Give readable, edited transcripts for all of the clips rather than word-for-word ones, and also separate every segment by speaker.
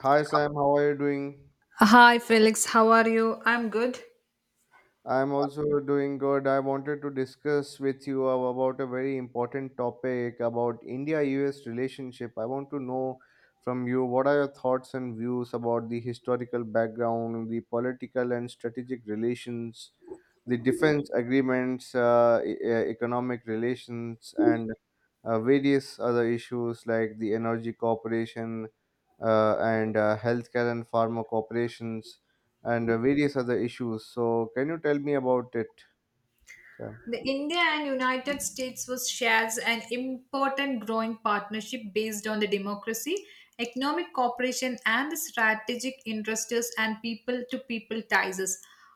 Speaker 1: Hi Sam, how are you doing?
Speaker 2: Hi Felix, how are you? I'm good.
Speaker 1: I'm also doing good. I wanted to discuss with you about a very important topic about India-US relationship. I want to know from you what are your thoughts and views about the historical background, the political and strategic relations, the defense agreements, economic relations, and various other issues like the energy corporation and healthcare and pharma corporations and various other issues. So, can you tell me about it? Sir?
Speaker 2: The India and United States was shares an important growing partnership based on the democracy, economic cooperation, and the strategic interests and people-to-people ties.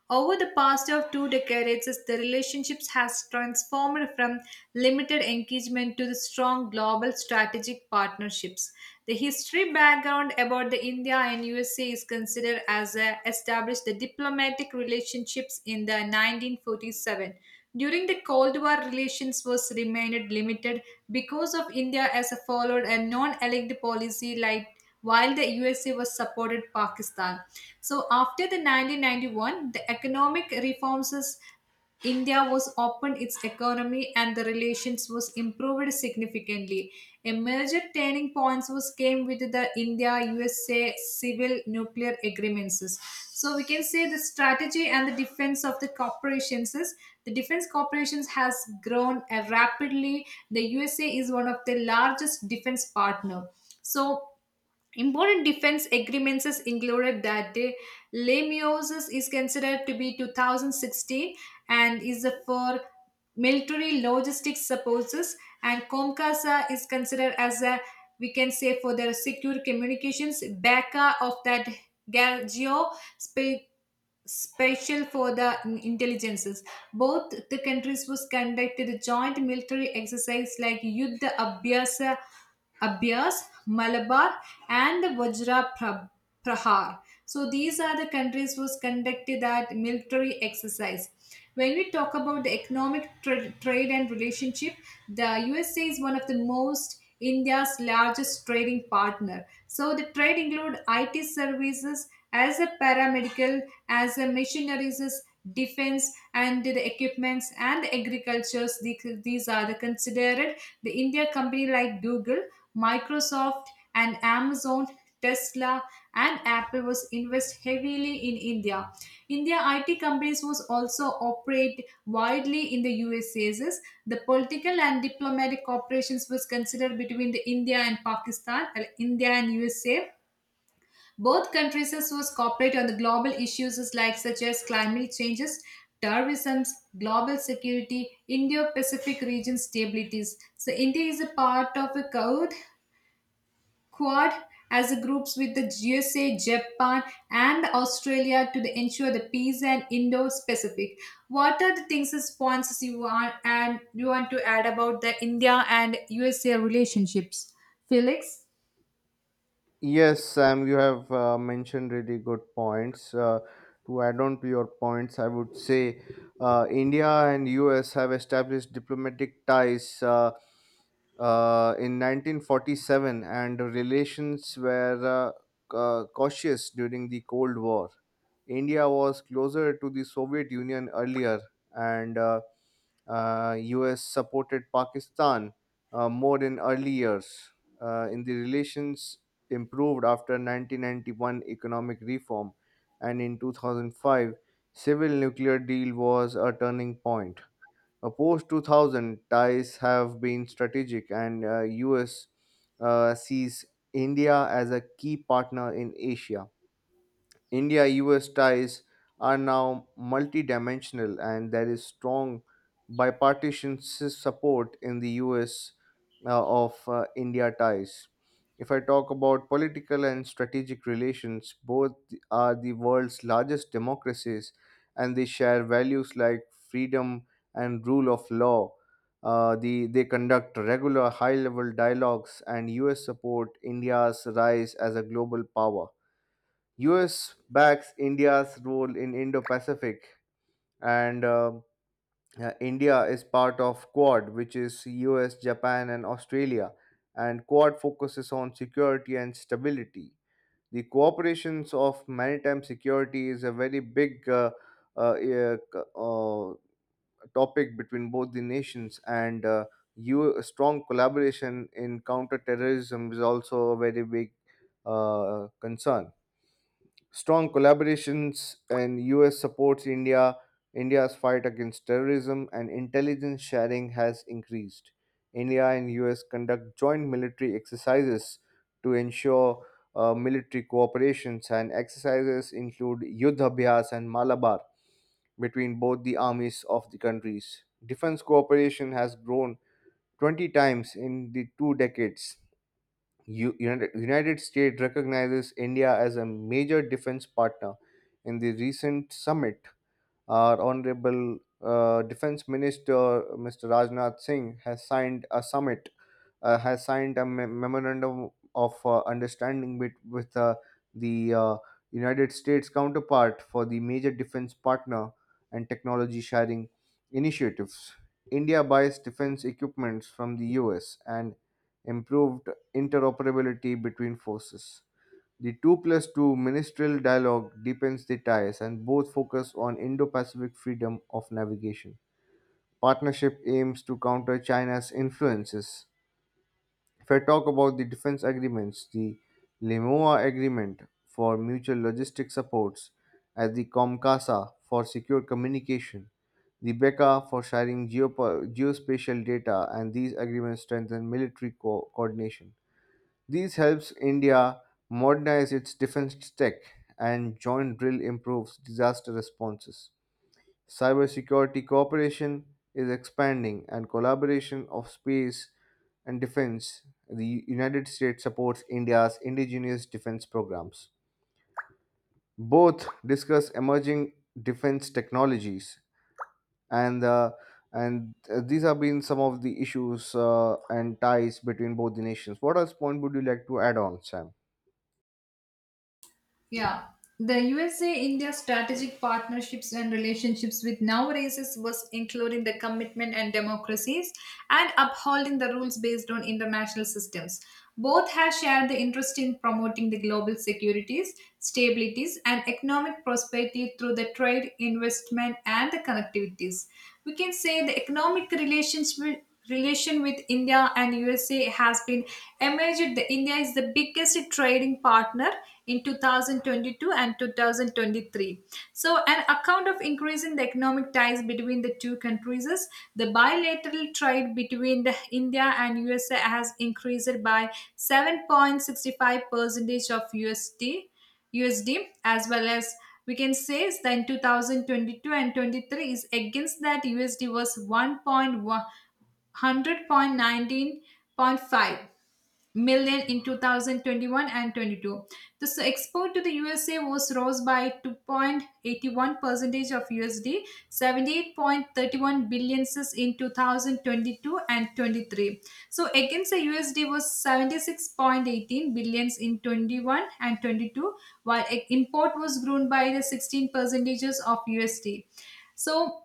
Speaker 2: Over the past of 2 decades, the relationships has transformed from limited engagement to the strong global strategic partnerships. The history background about the India and USA is considered as a established the diplomatic relationships in the 1947. During the Cold War, relations was remained limited because of India as a followed a non-aligned policy, like while the USA was supported Pakistan. So after the 1991, the economic reforms is India was opened its economy and the relations was improved significantly. A major turning point was came with the India-USA civil nuclear agreements, so we can say the strategy and the defense of the corporations is the defense corporations has grown rapidly. The USA is one of the largest defense partner, so important defense agreements is included that day. Lemiosis is considered to be 2016 and is for military logistics purposes, and Comcasa is considered as a, we can say, for their secure communications. Baca of that, geo spa- special for the intelligences. Both the countries was conducted joint military exercise like Yuddha Abhyas, Malabar, and the Vajra Prahar. So these are the countries which conducted that military exercise. When we talk about the economic trade and relationship, the USA is one of the most India's largest trading partner. So the trade include IT services as a paramedical, as a machineries, defense and the equipments, and agricultures. These are the considered, the India company like Google, Microsoft, and Amazon, Tesla, and Apple was invest heavily in India. India IT companies was also operate widely in the USAs. The political and diplomatic cooperations was considered between the India and Pakistan, India and USA, both countries was cooperate on the global issues like such as climate changes, terrorism, global security, Indo-Pacific region stabilities. So India is a part of a Quad as a groups with the USA, Japan, and Australia to the ensure the peace and Indo-Pacific. What are the things, as points you want and you want to add about the India and USA relationships, Felix?
Speaker 1: Yes, Sam, you have mentioned really good points. To add on to your points, I would say India and US have established diplomatic ties in 1947, and relations were cautious during the Cold War. India was closer to the Soviet Union earlier, and US supported Pakistan more in early years. In the relations improved after 1991 economic reform, and in 2005 civil nuclear deal was a turning point. Post 2000 ties have been strategic, and US sees India as a key partner in Asia. India US ties are now multidimensional, and there is strong bipartisan support in the US of India ties. If I talk about political and strategic relations, both are the world's largest democracies and they share values like freedom and rule of law. They conduct regular high level dialogues, and US support India's rise as a global power. US backs India's role in Indo-Pacific, and India is part of Quad, which is US, Japan, and Australia. And Quad focuses on security and stability. The cooperations of maritime security is a very big uh, uh, uh, topic between both the nations, and strong collaboration in counterterrorism is also a very big concern. Strong collaborations and US supports India's fight against terrorism and intelligence sharing has increased. India and US conduct joint military exercises to ensure military cooperations and exercises include Yuddha Abhyas and Malabar between both the armies of the countries. Defense cooperation has grown 20 times in the 2 decades. United States recognizes India as a major defense partner. In the recent summit, our Honorable Defense Minister Mr. Rajnath Singh has signed a memorandum of understanding with the United States counterpart for the major defense partner and technology sharing initiatives. India buys defense equipments from the US and improved interoperability between forces. The 2 plus 2 ministerial dialogue deepens the ties and both focus on Indo Pacific freedom of navigation. Partnership aims to counter China's influences. If I talk about the defense agreements, the Lemoa Agreement for mutual logistic supports, as the Comcasa for secure communication, the BECA for sharing geospatial data, and these agreements strengthen military coordination. These helps India modernize its defense tech and joint drill improves disaster responses. Cybersecurity cooperation is expanding, and collaboration of space and defense. The United States supports India's indigenous defense programs. Both discuss emerging defense technologies, and uh, and these have been some of the issues and ties between both the nations. What else point would you like to add on, Sam?
Speaker 2: Yeah. The USA India strategic partnerships and relationships with nowadays was including the commitment and democracies and upholding the rules based on international systems. Both have shared the interest in promoting the global securities, stabilities, and economic prosperity through the trade, investment, and the connectivities, we can say the economic relations with, relation with India and USA has been emerged. The India is the biggest trading partner in 2022 and 2023. So, an account of increasing the economic ties between the two countries is the bilateral trade between the India and USA has increased by 7.65 percentage of USD, as well as we can say is that in 2022 and 23 is against that USD was 1.1 million in 2021 and 22. The export to the USA was rose by 2.81 percentage of USD, 78.31 billion in 2022 and 23. So against the USD was 76.18 billions in 21 and 22, while import was grown by the 16 percentages of USD. So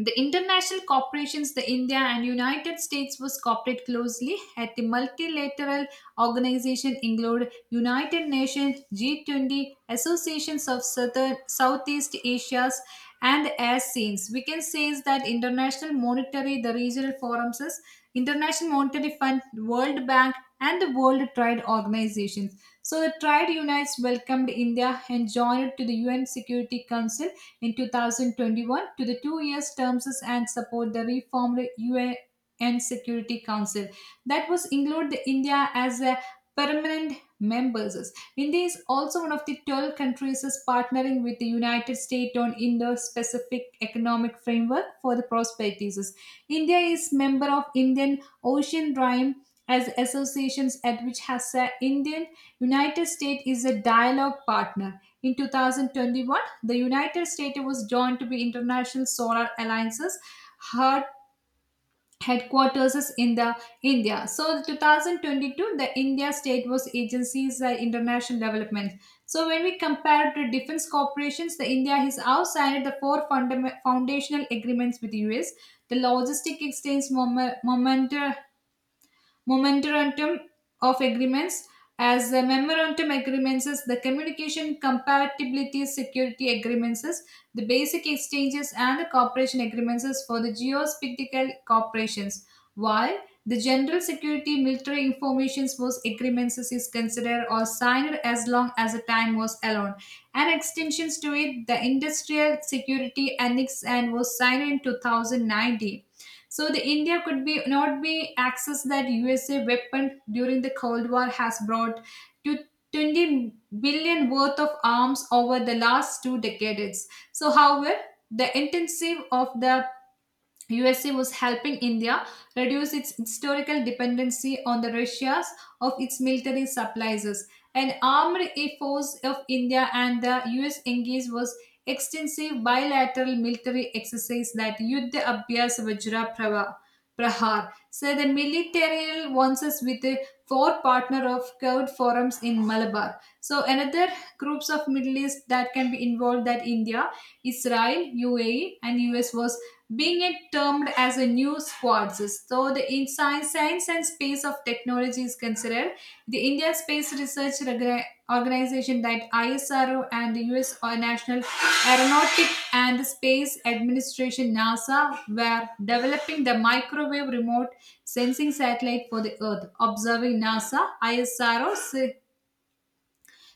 Speaker 2: the international corporations, the India and United States was cooperate closely at the multilateral organization include United Nations, G20, Associations of Southern, Southeast Asia's, and as scenes. We can say is that international monetary, the regional forums is International Monetary Fund, World Bank, and the World Trade Organizations. So the Trade Unites welcomed India and joined to the UN Security Council in 2021 to the 2 years terms and support the reformed UN Security Council that was include the India as a permanent members. India is also one of the 12 countries is partnering with the United States on Indo-Pacific Economic Framework for the Prosperities. India is member of Indian Ocean Rhyme as associations at which has a Indian, United States is a dialogue partner. In 2021, the United States was joined to be International Solar Alliance's head- headquarters is in the India. So 2022, the India state was agencies international development. So when we compare to defense corporations, the India has outside the four foundational agreements with the US, the logistic exchange moment, moment Memorandum of agreements, as the memorandum agreements is the communication compatibility security agreements is the basic exchanges and the cooperation agreements is for the geopolitical corporations, while the general security military information was agreements is considered or signed as long as the time was allowed, and extensions to it the industrial security annex and was signed in 2019. So the India could be not be access that USA weapon during the Cold War has brought to 20 billion worth of arms over the last 2 decades. So however, the intensive of the USA was helping India reduce its historical dependency on the Russia's of its military supplies. An armed force of India and the US engaged was extensive bilateral military exercise that Yuddha Abhyas Vajra Prava. Prahar. So the military wants us with a four partner of Kurd forums in Malabar. So another groups of Middle East that can be involved that India, Israel, UAE, and US was being it termed as a new squads. So the in science and space of technology is considered, the India Space Research Organization, that ISRO, and the US or National Aeronautic and Space Administration, NASA, were developing the microwave remote sensing satellite for the Earth, observing NASA, ISRO,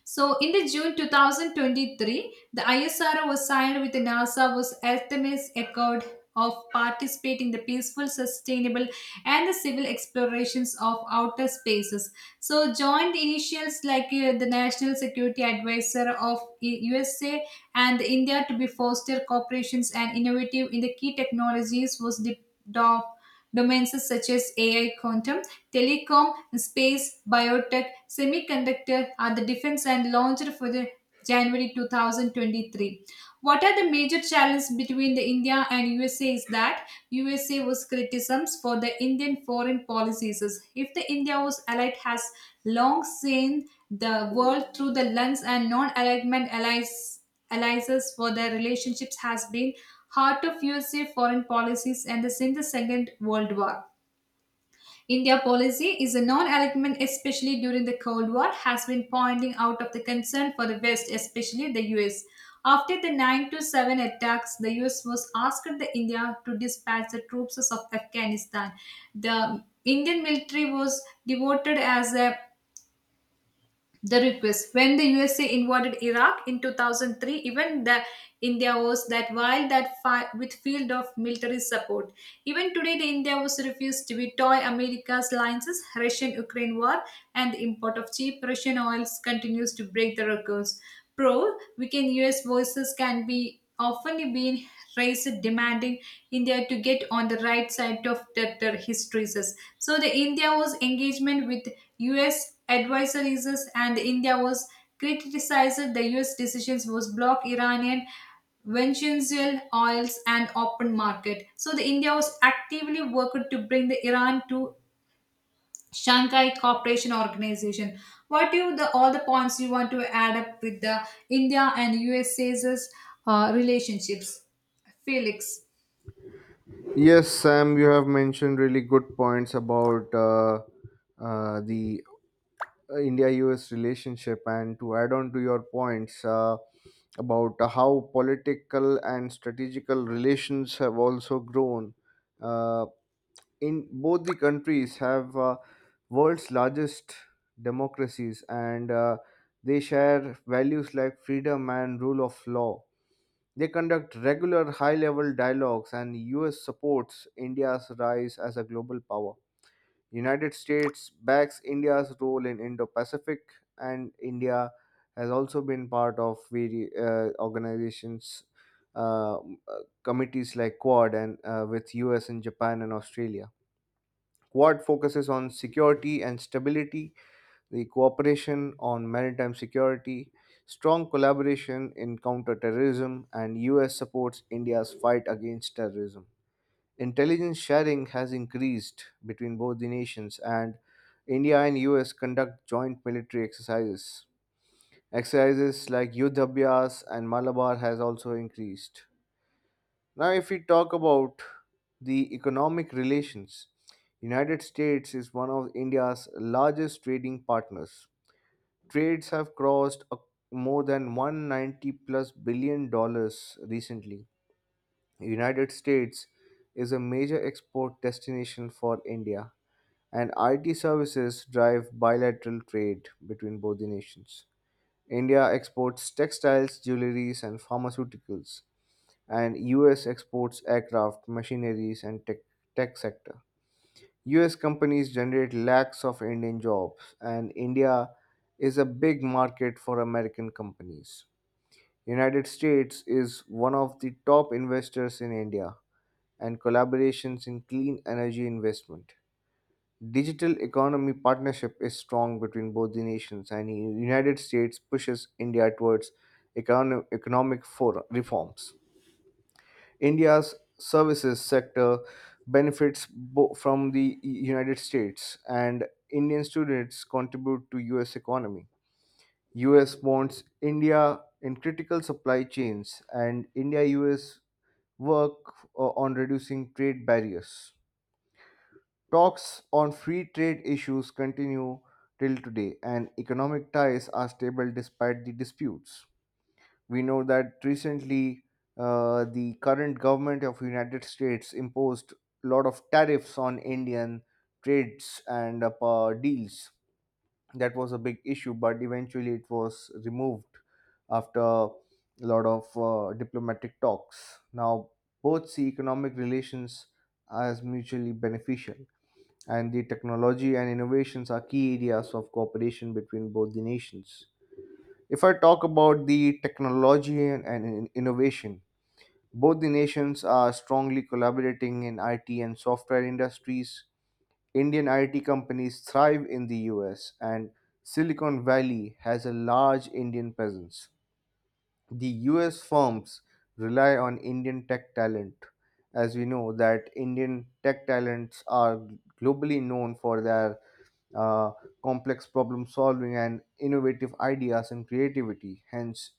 Speaker 2: so, in the June 2023, the ISRO was signed with the NASA was Artemis Accord of participating the peaceful, sustainable, and the civil explorations of outer spaces. So, joint initials like the National Security Advisor of USA and India to be foster cooperations and innovative in the key technologies was developed. Domains such as AI, quantum, telecom, space, biotech, semiconductor are the defense and launched for the January 2023. What are the major challenges between the India and USA is that USA was criticisms for the Indian foreign policies. If the India was allied has long seen the world through the lens and non-alignment allies alliances for their relationships has been heart of USA foreign policies and the since the Second World War. India policy is a non-alignment, especially during the Cold War, has been pointing out of the concern for the West, especially the US. After the 9 to 7 attacks, the US was asked the India to dispatch the troops of Afghanistan. The Indian military was devoted as a the request when the USA invaded Iraq in 2003. Even the India was that while that with field of military support, even today the India was refused to toy America's alliances Russian Ukraine war, and the import of cheap Russian oils continues to break the records. Pro weekend US voices can be often been raised demanding India to get on the right side of the history says. So the India was engagement with US advisers and India was criticized the US decisions was block Iranian Venezuelan oils and open market. So the India was actively working to bring the Iran to Shanghai Cooperation Organization. What do you, the all the points you want to add up with the India and USA's relationships, Felix?
Speaker 1: Yes, Sam, you have mentioned really good points about the India US relationship. And to add on to your points about how political and strategical relations have also grown, uh, in both the countries have world's largest democracies and they share values like freedom and rule of law. They conduct regular high level dialogues, and US supports India's rise as a global power. United States backs India's role in Indo-Pacific, and India has also been part of various organizations, uh, m- uh, committees like Quad, and with US and Japan and Australia. Quad focuses on security and stability, the cooperation on maritime security, strong collaboration in counterterrorism, and US supports India's fight against terrorism. Intelligence sharing has increased between both the nations, and India and US conduct joint military exercises. Exercises like Yudhabhyas and Malabar has also increased. Now, if we talk about the economic relations, United States is one of India's largest trading partners. Trades have crossed more than 190 plus billion dollars recently. United States is a major export destination for India. And IT services drive bilateral trade between both the nations. India exports textiles, jewelries, and pharmaceuticals, and US exports aircraft, machineries, and tech sector. US companies generate lakhs of Indian jobs, and India is a big market for American companies. United States is one of the top investors in India and collaborations in clean energy investment. Digital economy partnership is strong between both the nations, and the United States pushes India towards economic for reforms. India's services sector benefits from the United States, and Indian students contribute to U.S. economy. U.S. bonds India in critical supply chains, and India-U.S. work on reducing trade barriers. Talks on free trade issues continue till today, and economic ties are stable despite the disputes. We know that recently the current government of United States imposed a lot of tariffs on Indian trades and deals. That was a big issue, but eventually it was removed after a lot of diplomatic talks. Now, both see economic relations as mutually beneficial and the technology and innovations are key areas of cooperation between both the nations. If I talk about the technology and innovation, both the nations are strongly collaborating in IT and software industries. Indian IT companies thrive in the US, and Silicon Valley has a large Indian presence. The US firms rely on Indian tech talent. As we know that Indian tech talents are globally known for their uh, complex problem solving and innovative ideas and creativity. Hence,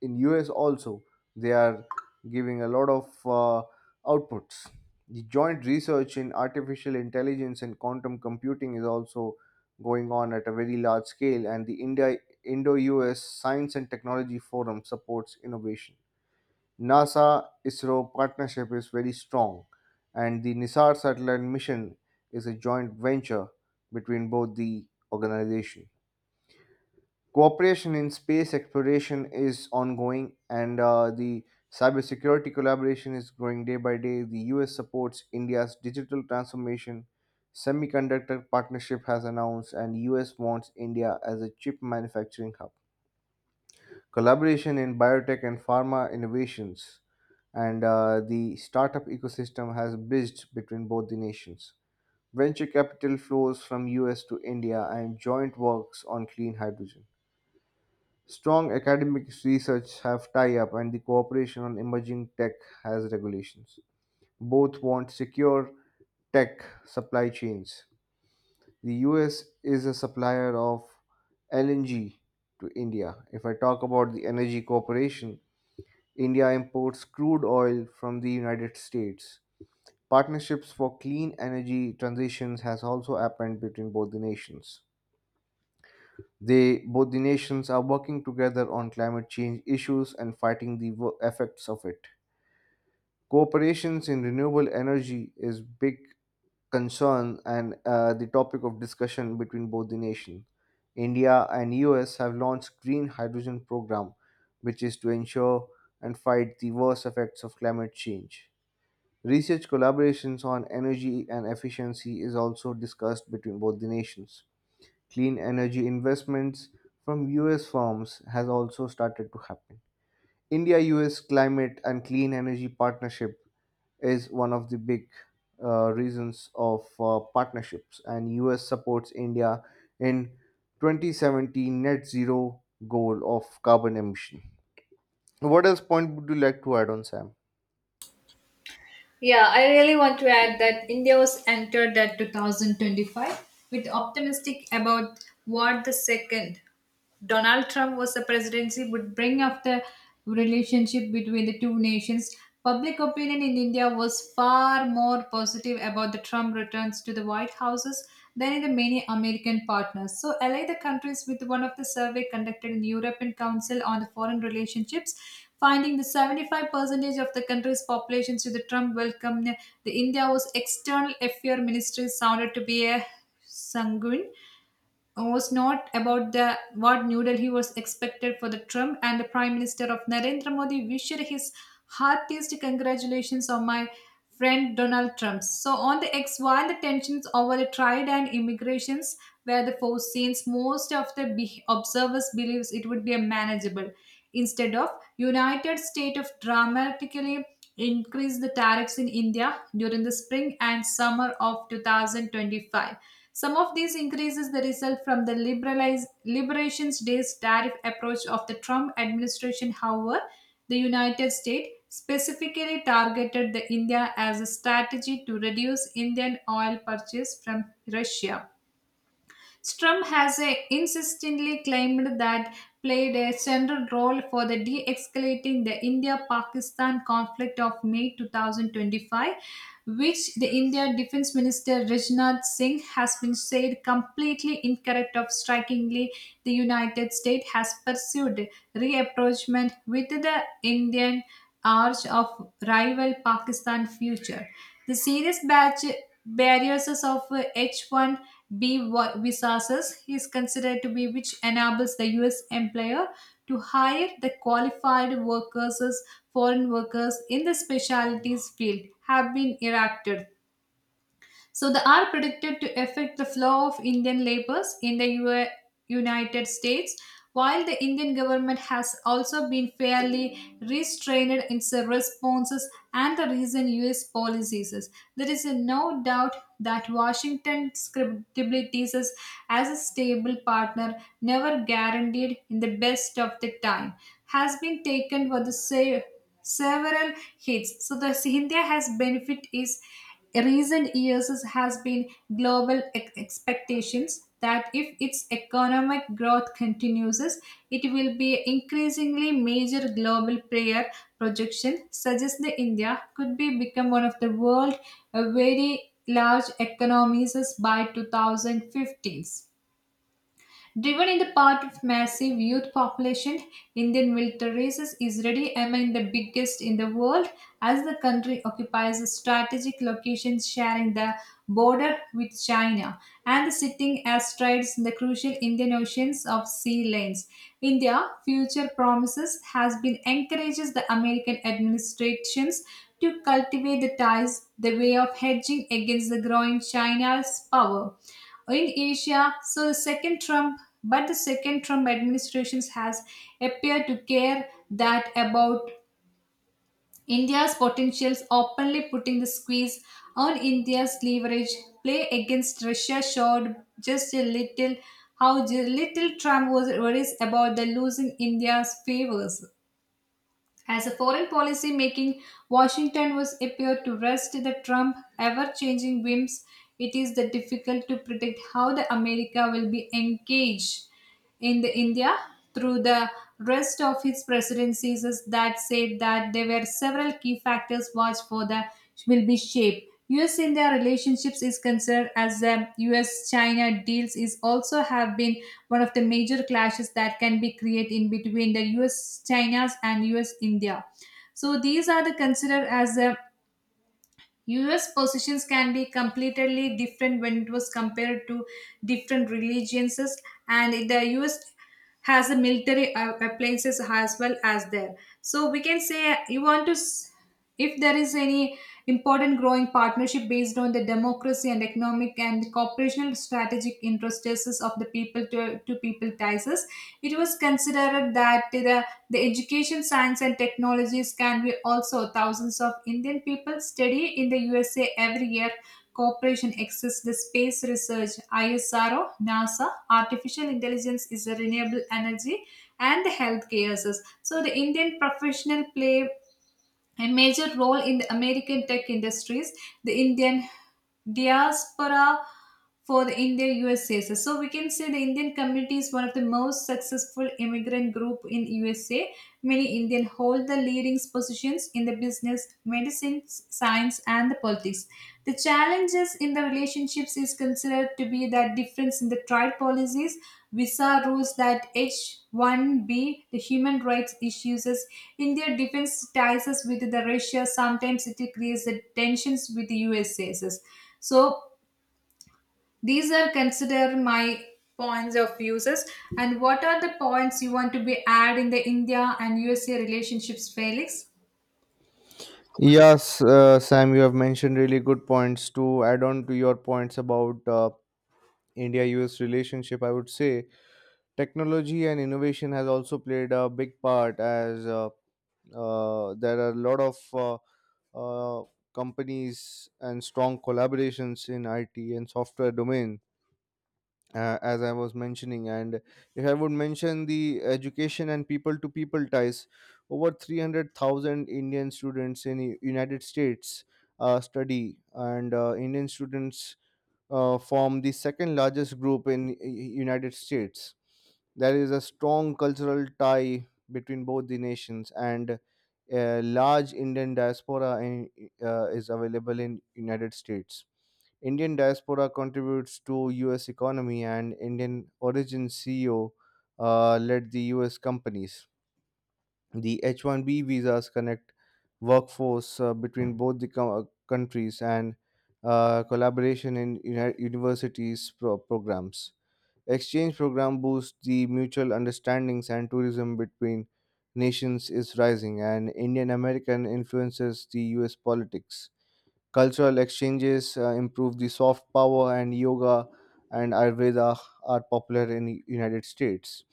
Speaker 1: in US also they are giving a lot of outputs. The joint research in artificial intelligence and quantum computing is also going on at a very large scale, and the India Indo-US Science and Technology Forum supports innovation. NASA ISRO partnership is very strong, and the NISAR satellite mission is a joint venture between both the organization. Cooperation in space exploration is ongoing, and the cybersecurity collaboration is growing day by day. The US supports India's digital transformation. Semiconductor partnership has announced, and US wants India as a chip manufacturing hub. Collaboration in biotech and pharma innovations, and the startup ecosystem has bridged between both the nations. Venture capital flows from US to India, and joint works on clean hydrogen. Strong academic research have tie-up and the cooperation on emerging tech has regulations. Both want secure tech supply chains. The US is a supplier of LNG to India. If I talk about the Energy Corporation, India imports crude oil from the United States. Partnerships for clean energy transitions has also happened between both the nations. They, both the nations, are working together on climate change issues and fighting the effects of it. Cooperations in renewable energy is big concern and the topic of discussion between both the nations. India and US have launched green hydrogen program, which is to ensure and fight the worst effects of climate change. Research collaborations on energy and efficiency is also discussed between both the nations. Clean energy investments from US firms has also started to happen. India US climate and clean energy partnership is one of the big reasons of partnerships, and US supports India in 2017 net zero goal of carbon emission. What else point would you like to add on, Sam?
Speaker 2: Yeah, I really want to add that India was entered at 2025 with optimistic about what the second Donald Trump was the presidency would bring after relationship between the two nations. Public opinion in India was far more positive about the Trump returns to the White Houses than in the many American partners. So allied the countries with one of the survey conducted in European Council on the Foreign Relationships finding the 75% of the country's population to the Trump welcome. The India was external affairs ministry sounded to be a sanguine was not about the what New Delhi was expected for the Trump, and the Prime Minister of Narendra Modi wished his heartiest congratulations on my friend Donald Trump. So on the X, while the tensions over the trade and immigrations were the four scenes, most of the observers believes it would be a manageable. Instead of United States of dramatically increased the tariffs in India during the spring and summer of 2025. Some of these increases the result from the liberations day's tariff approach of the Trump administration. However, the United States specifically targeted the India as a strategy to reduce Indian oil purchase from Russia. Strum has insistently claimed that played a central role for the de-escalating the India-Pakistan conflict of May 2025, which the India Defence Minister Rajnath Singh has been said completely incorrect of strikingly the United States has pursued reapproachment with the Indian arch of rival Pakistan future. The serious batch barriers of H1B visas is considered to be which enables the US employer to hire the qualified workers, as foreign workers in the specialties field have been erected. So they are predicted to affect the flow of Indian laborers in the U- A United States, while the Indian government has also been fairly restrained in its responses and the recent US policies. There is no doubt that Washington's credibilities as a stable partner, never guaranteed in the best of the time, has been taken for the sake several hits. So the India has benefit is recent years has been global expectations that if its economic growth continues, it will be increasingly major global player. Projection suggests that India could be become one of the world very large economies by 2015. Driven in the part of massive youth population, Indian military races is ready among the biggest in the world as the country occupies a strategic location sharing the border with China and sitting astride the crucial Indian Oceans of sea lanes. India future promises has been encourages the American administrations to cultivate the ties the way of hedging against the growing China's power in Asia, so the second Trump administrations has appeared to care that about India's potentials, openly putting the squeeze on India's leverage play against Russia showed just a little how the little Trump was worries about the losing India's favors. As a foreign policy making, Washington was appeared to rest the Trump ever changing whims. It is the difficult to predict how the America will be engaged in the India through the rest of his presidencies is that said that there were several key factors watched for the will be shaped. US India relationships is concerned as the US China deals is also have been one of the major clashes that can be created in between the US China's and US India. So these are the considered as the US positions can be completely different when it was compared to different religions, and the US has a military appliances as well as there. So we can say you want to, if there is any important growing partnership based on the democracy and economic and cooperational strategic interests of the people to people ties. It was considered that the education, science, and technologies can be also thousands of Indian people study in the USA every year. Cooperation exists the space research, ISRO, NASA, artificial intelligence is a renewable energy, and the healthcare. So the Indian professional play a major role in the American tech industries, the Indian diaspora for the India USA. So, we can say the Indian community is one of the most successful immigrant group in USA. Many Indian hold the leading positions in the business, medicine, science, and the politics. The challenges in the relationships is considered to be that difference in the tribe policies, Visa rules that H-1B, the human rights issues, India defense ties us with the Russia. Sometimes it creates the tensions with the USA. So these are consider my points of uses. And what are the points you want to be add in the India and USA relationships, Felix?
Speaker 1: Yes, Sam, you have mentioned really good points. To add on to your points about India US relationship, I would say technology and innovation has also played a big part as there are a lot of uh, companies and strong collaborations in IT and software domain as I was mentioning and if I would mention the education and people to people ties over 300,000 Indian students in United States study and Indian students form the second largest group in United States. There is a strong cultural tie between both the nations, and a large Indian diaspora is available in United States. Indian diaspora contributes to U.S. economy, and Indian origin CEO led the U.S. companies. The H-1B visas connect workforce between both the countries and collaboration in universities programs. Exchange program boosts the mutual understandings and tourism between nations is rising and Indian American influences the US politics. Cultural exchanges improve the soft power, and yoga and Ayurveda are popular in the United States.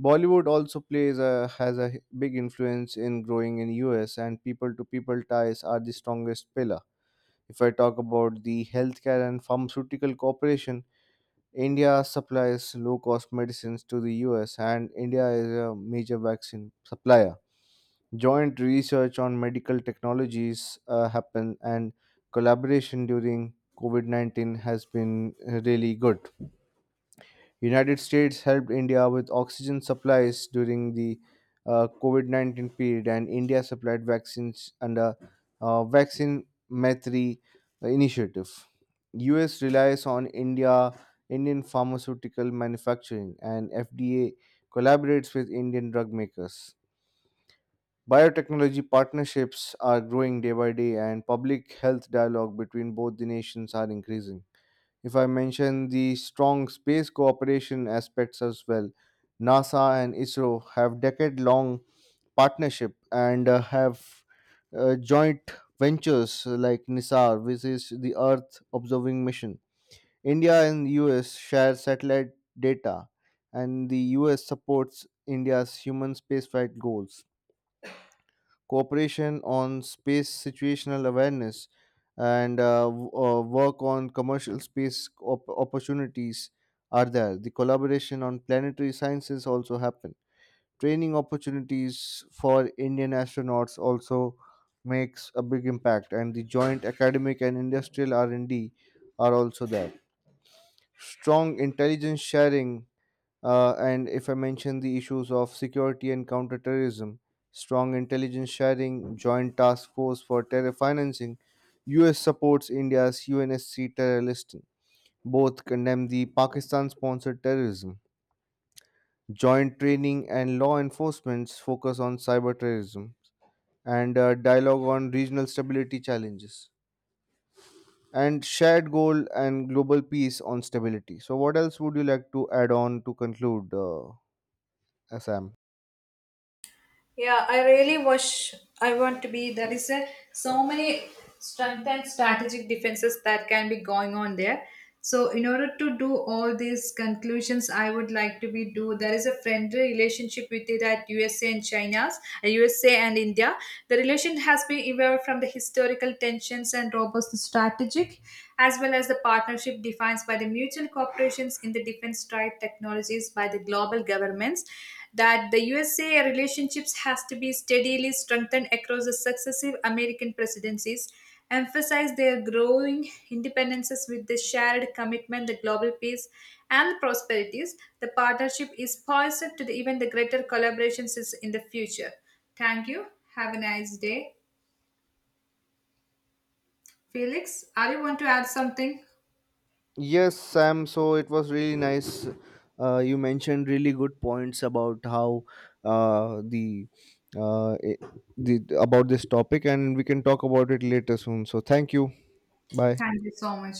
Speaker 1: Bollywood also plays has a big influence in growing in US, and people-to-people ties are the strongest pillar. If I talk about the healthcare and pharmaceutical cooperation, India supplies low cost medicines to the US, and India is a major vaccine supplier. Joint research on medical technologies happen, and collaboration during COVID 19 has been really good. United States helped India with oxygen supplies during the COVID 19 period, and India supplied vaccines under Vaccine Maitri initiative. US relies on India, Indian pharmaceutical manufacturing, and FDA collaborates with Indian drug makers. Biotechnology partnerships are growing day by day, and public health dialogue between both the nations are increasing. If I mention the strong space cooperation aspects as well, NASA and ISRO have decade-long partnership and have joint ventures like NISAR, which is the Earth Observing Mission. India and US share satellite data, and the US supports India's human spaceflight goals cooperation on space situational awareness, and work on commercial space opportunities are there. The collaboration on planetary sciences also happen. Training opportunities for Indian astronauts also makes a big impact, and the joint academic and industrial R&D are also there. Strong intelligence sharing and if I mention the issues of security and counterterrorism, strong intelligence sharing, joint task force for terror financing, US supports India's UNSC terror listing. Both condemn the Pakistan sponsored terrorism. Joint training and law enforcement's focus on cyber terrorism and dialogue on regional stability challenges and shared goal and global peace on stability. So, what else would you like to add on to conclude, Assam?
Speaker 2: Yeah, I really wish I want to be. There is a, so many strength and strategic defenses that can be going on there. So in order to do all these conclusions, I would like to be do. There is a friendly relationship with it at USA and China's, USA and India. The relation has been evolved from the historical tensions and robust strategic, as well as the partnership defined by the mutual cooperations in the defense trade technologies by the global governments that the USA relationships has to be steadily strengthened across the successive American presidencies, emphasize their growing independences with the shared commitment to global peace and prosperities. The partnership is poised to the, even the greater collaborations is in the future. Thank you. Have a nice day. Felix, are you want to add something?
Speaker 1: Yes, Sam. So it was really nice. You mentioned really good points about how the I- the about this topic, and we can talk about it later soon. So thank you. Bye.
Speaker 2: Thank you so much.